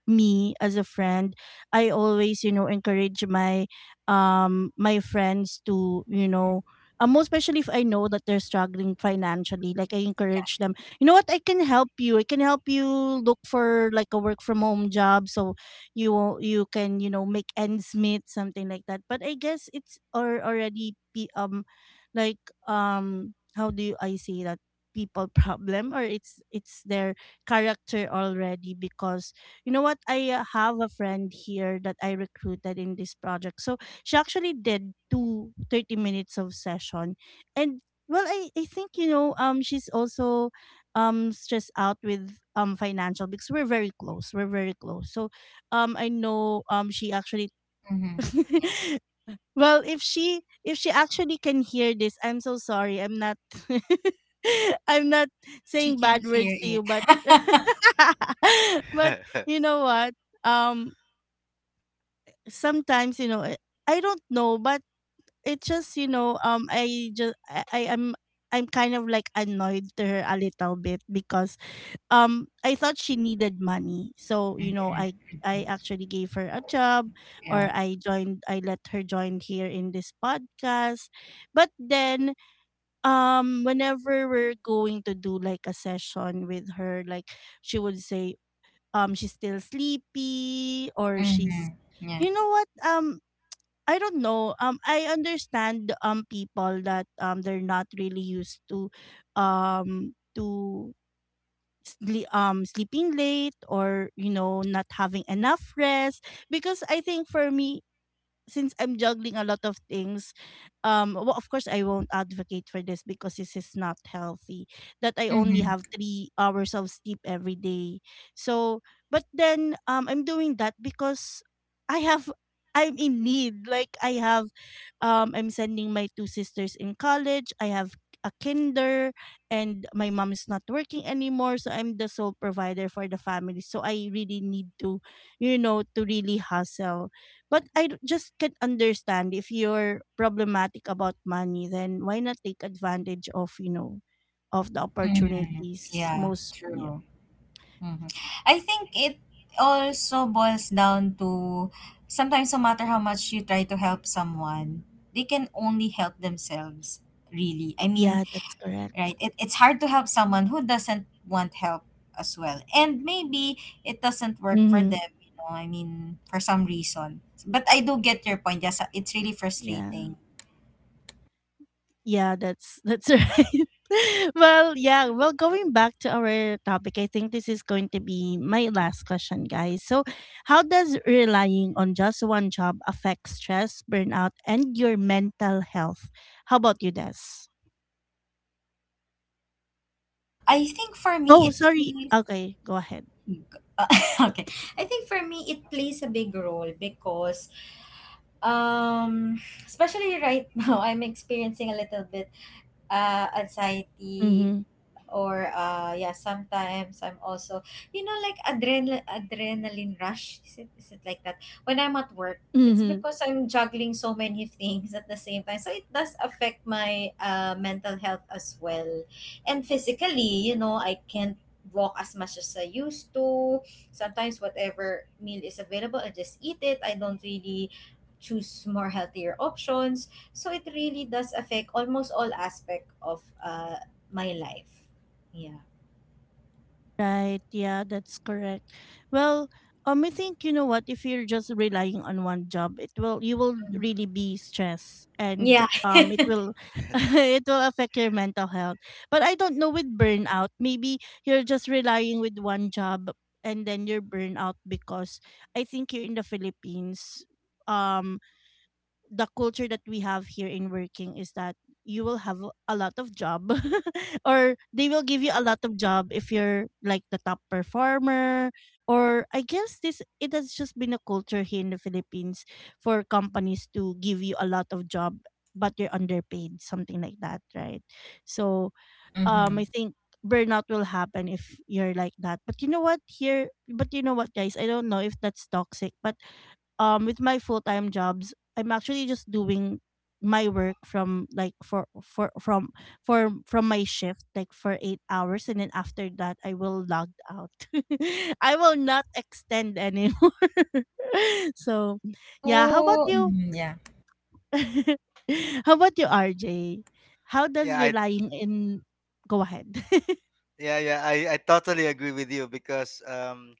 A: Me as a friend, I always, you know, encourage my friends to, you know, most especially if I know that they're struggling financially. Like, I
B: Yeah.
A: encourage them. You know what, I can help you look for like a work from home job. So you can, you know, make ends meet, something like that. But I guess it's or already be, like, how do you, I say that, people problem, or it's their character already, because you know what? I have a friend here that I recruited in this project. So she actually did two 30 minutes of session. And, well, I think, you know, she's also stressed out with financial, because we're very close. We're very close. So I know, she actually
B: Mm-hmm. Yeah.
A: Well, if she actually can hear this, I'm so sorry. I'm not I'm not
B: She
A: saying
B: can
A: bad
B: hear
A: words to you,
B: it.
A: but but
C: yeah,
A: you know what? Um sometimes, you know, I don't know, but it just, you know, I just I am I'm kind of like annoyed to her a little bit, because I thought she needed money. So, you know,
B: Mhm.
A: I actually gave her a job,
B: Yeah.
A: or I let her join here in this podcast. But then whenever we're going to do like a session with her, like she would say she's still sleepy, or she's,
B: Mm-hmm. Yeah.
A: you know what, I don't know. I understand people that they're not really used to, um to sleeping late, or, you know, not having enough rest. Because I think for me, since I'm juggling a lot of things, well, of course I won't advocate for this, because this is not healthy. That I only
B: Mm-hmm.
A: have 3 hours of sleep every day. So, but then, I'm doing that because I have. I'm in need. Like, I have, I'm sending my two sisters in college. I have a kinder, and my mom is not working anymore. So I'm the sole provider for the family. So I really need to, you know, to really hustle. But just can't understand. If you're problematic about money, then why not take advantage of, you know, of the
B: Mm-hmm.
A: opportunities,
B: Yeah.
A: most
B: True. Mm-hmm. I think it also boils down to sometimes no matter how much you try to help someone, they can only help themselves. Really, I mean,
A: yeah, that's correct.
B: right? It's hard to help someone who doesn't want help as well. And maybe it doesn't work for
A: Mm-hmm.
B: them, you know, I mean, for some reason. But I do get your point. Yes, it's really
A: Yeah.
B: frustrating.
A: Yeah, that's right. Well, yeah, well, going back to our topic, I think this is going to be my last question, guys. So, how does relying on just one job affect stress, burnout, and your mental health? How about you, Des?
B: I think for me,
A: Oh,
B: it
A: sorry.
B: plays.
A: Okay, go ahead.
B: Okay. I think for me, it plays a big role because. Um, especially right now, I'm experiencing a little bit anxiety
A: Mm-hmm.
B: or yeah, sometimes I'm also, you know, like adrenaline rush, is it like that, when I'm at work. It's
A: Mm-hmm.
B: because I'm juggling so many things at the same time, so it does affect my mental health as well. And physically, you know, I can't walk as much as I used to. Sometimes whatever meal is available I just eat it, I don't really choose more healthier options. So it really does affect almost all aspect of my life. Yeah.
A: Right. Yeah, that's correct. Well, I think, you know what, if you're just relying on one job, it will you will
B: Mhm.
A: really be stressed, and,
B: Yeah.
A: it will it will affect your mental health. But I don't know with burnout. Maybe you're just relying with one job, and then you're burnout, because I think you're in the Philippines. Um. The culture that we have here in working is that you will have a lot of job, or they will give you a lot of job if you're like the top performer. Or, I guess this it has just been a culture here in the Philippines for companies to give you a lot of job, but you're underpaid, something like that, right? So I
B: Mhm.
A: think burnout will happen if you're like that. But you know what here but you know what, guys, I don't know if that's toxic, but with my full-time jobs, I'm actually just doing my work from, like, for from my shift, like for 8 hours, and then after that I will log out. I will not extend anymore. So yeah. How about
B: Oh,
A: you?
B: mhm, yeah.
A: How about you, RJ? How does
C: I
A: relying in... Go ahead.
C: yeah, I totally agree with you, because,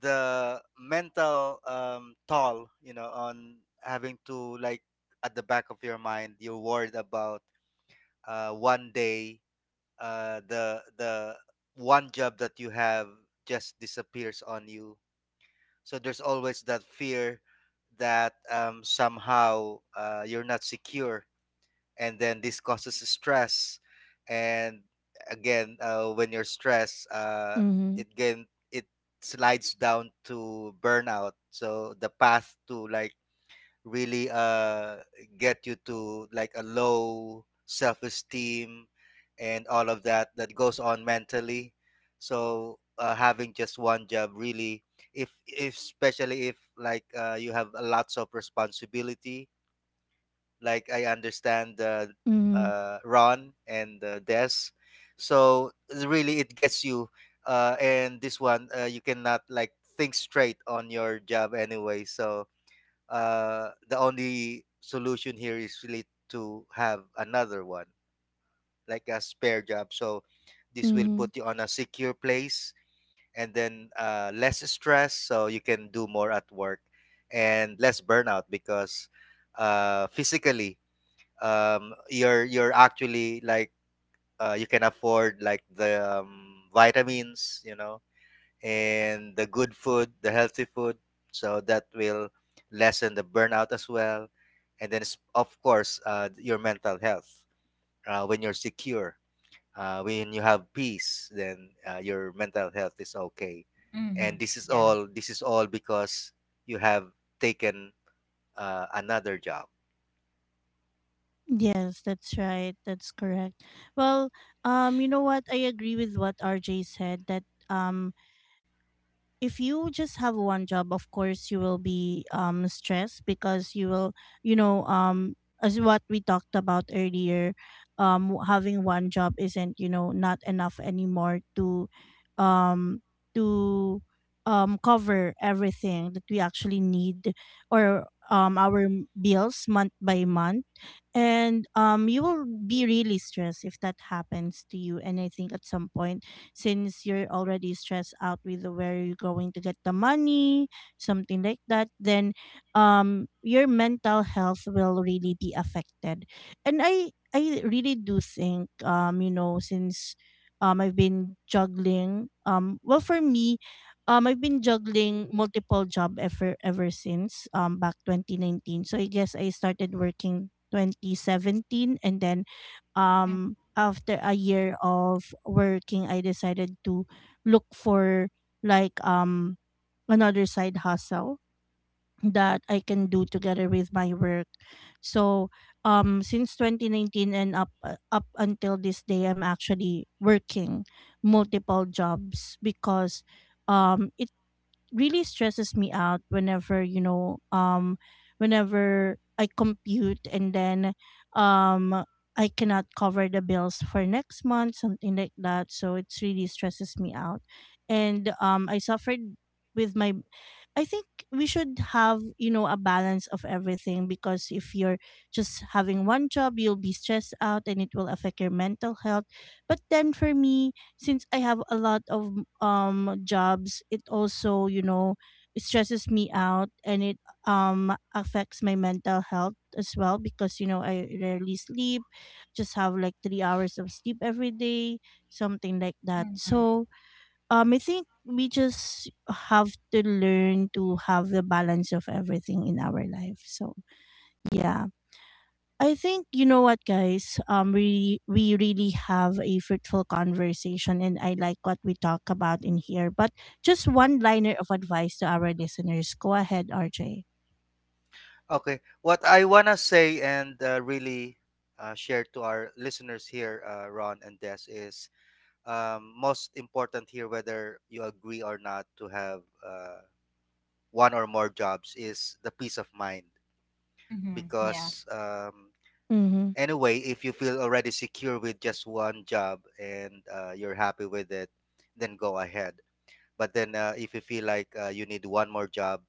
C: the mental, toll, on having to, like, at the back of your mind, you're worried about, one day, the one job that you have just disappears on you. So there's always that fear that, somehow, you're not secure, and then this causes stress. And again, when you're stressed,
A: Mm-hmm,
C: it slides down to burnout. So the path to, like, really get you to, like, a low self-esteem, and all of that, that goes on mentally. So, having just one job, really, if especially if, like, you have a lots of responsibility, like I understand,
A: mm-hmm.
C: Ron, and Des. So really it gets you, and this one, you cannot, like, think straight on your job anyway. So, the only solution here is really to have another one, like a spare job. So this will put you on a secure place, and then, less stress, so you can do more at work, and less burnout, because, physically, you're actually, like, you can afford, like, the, vitamins, and the good food, the healthy food. So that will lessen the burnout as well. And then, of course, your mental health. When you're secure, when you have peace, then, your mental health is okay. And
B: Mhm.
C: this is
B: Yeah.
C: all. This is all because you have taken, another job.
A: Yes, that's right. That's correct. Well, you know what, I agree with what RJ said, that um if you just have one job, of course you will be stressed, because you will, you know, as what we talked about earlier, having one job isn't, you know, not enough anymore to um to cover everything that we actually need, or our bills month by month. And you will be really stressed if that happens to you. And I think at some point, since you're already stressed out with where you're going to get the money, something like that, then your mental health will really be affected. And I really do think, you know, since I've been juggling. Well, for me, I've been juggling multiple job ever since, back 2019. So I guess I started working 2017. And then,
B: Mm,
A: after a year of working, I decided to look for, like, another side hustle that I can do together with my work. So since 2019, and up, up until this day, I'm actually working multiple jobs, because it really stresses me out, whenever, you know, whenever I compute, and then um I cannot cover the bills for next month, something like that. So it really stresses me out. And I suffered with my, I think, we should have, you know, a balance of everything, because if you're just having one job, you'll be stressed out, and it will affect your mental health. But then, for me, since I have a lot of jobs, it also, you know, it stresses me out, and it affects my mental health as well, because, you know, I rarely sleep, just have like 3 hours of sleep every day, something like that.
B: mhm.
A: So, I think we just have to learn to have the balance of everything in our life. So yeah. I think, you know what, guys, we really have a fruitful conversation, and I like what we talk about in here. But just one liner of advice to our listeners. Go ahead, RJ.
C: Okay. What I wanna say and, really, share to our listeners here, Ron and Des, is, most important here, whether you agree or not, to have, one or more jobs, is the peace of mind.
B: Mhm. Yeah.
C: Because,
A: Mm-hmm.
C: anyway, if you feel already secure with just one job, and, you're happy with it, then go ahead. But then, if you feel like, you need one more job,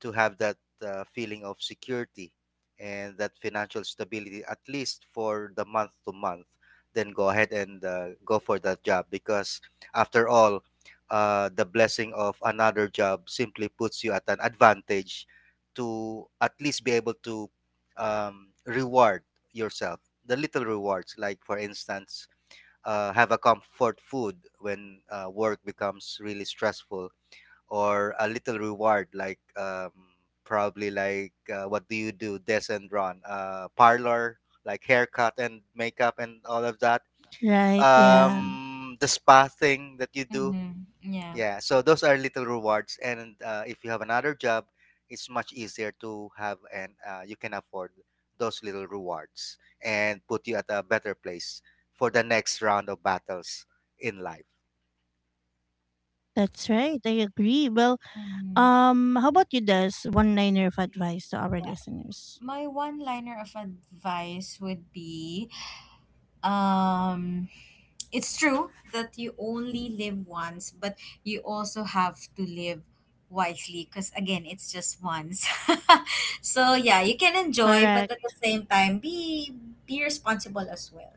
C: to have that, feeling of security and that financial stability, at least for the month to month, then go ahead and, go for that job, because, after all, the blessing of another job simply puts you at an advantage, to at least be able to, reward yourself, the little rewards, like for instance, have a comfort food when, work becomes really stressful, or a little reward like, probably like, what do you do, Des and run, parlor, like haircut and makeup and all of that,
A: Right, yeah.
C: the spa thing that you do.
B: Mhm. Yeah.
C: Yeah, so those are little rewards, and, if you have another job, it's much easier to have, and, you can afford those little rewards, and put you at a better place for the next round of battles in life.
A: That's right. I agree. Well,
B: Mhm.
A: how about you, Des? One liner of advice to our
B: Yeah.
A: listeners.
B: My one-liner of advice would be, um, it's true that you only live once, but you also have to live wisely because again, it's just once. So yeah, you can enjoy, but at
A: Correct.
B: the same time, be responsible as well.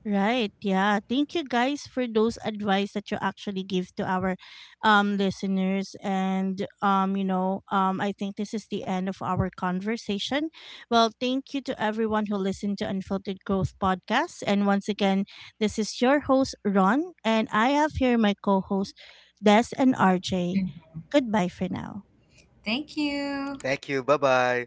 A: Right. Yeah. Thank you, guys, for those advice that you actually give to our listeners, and, you know, I think this is the end of our conversation. Well, thank you to everyone who listened to Unfiltered Growth podcast, and once again, this is your host Ron, and I have here my co-host Des and RJ. Goodbye for now.
B: Thank you.
C: Thank you, bye bye.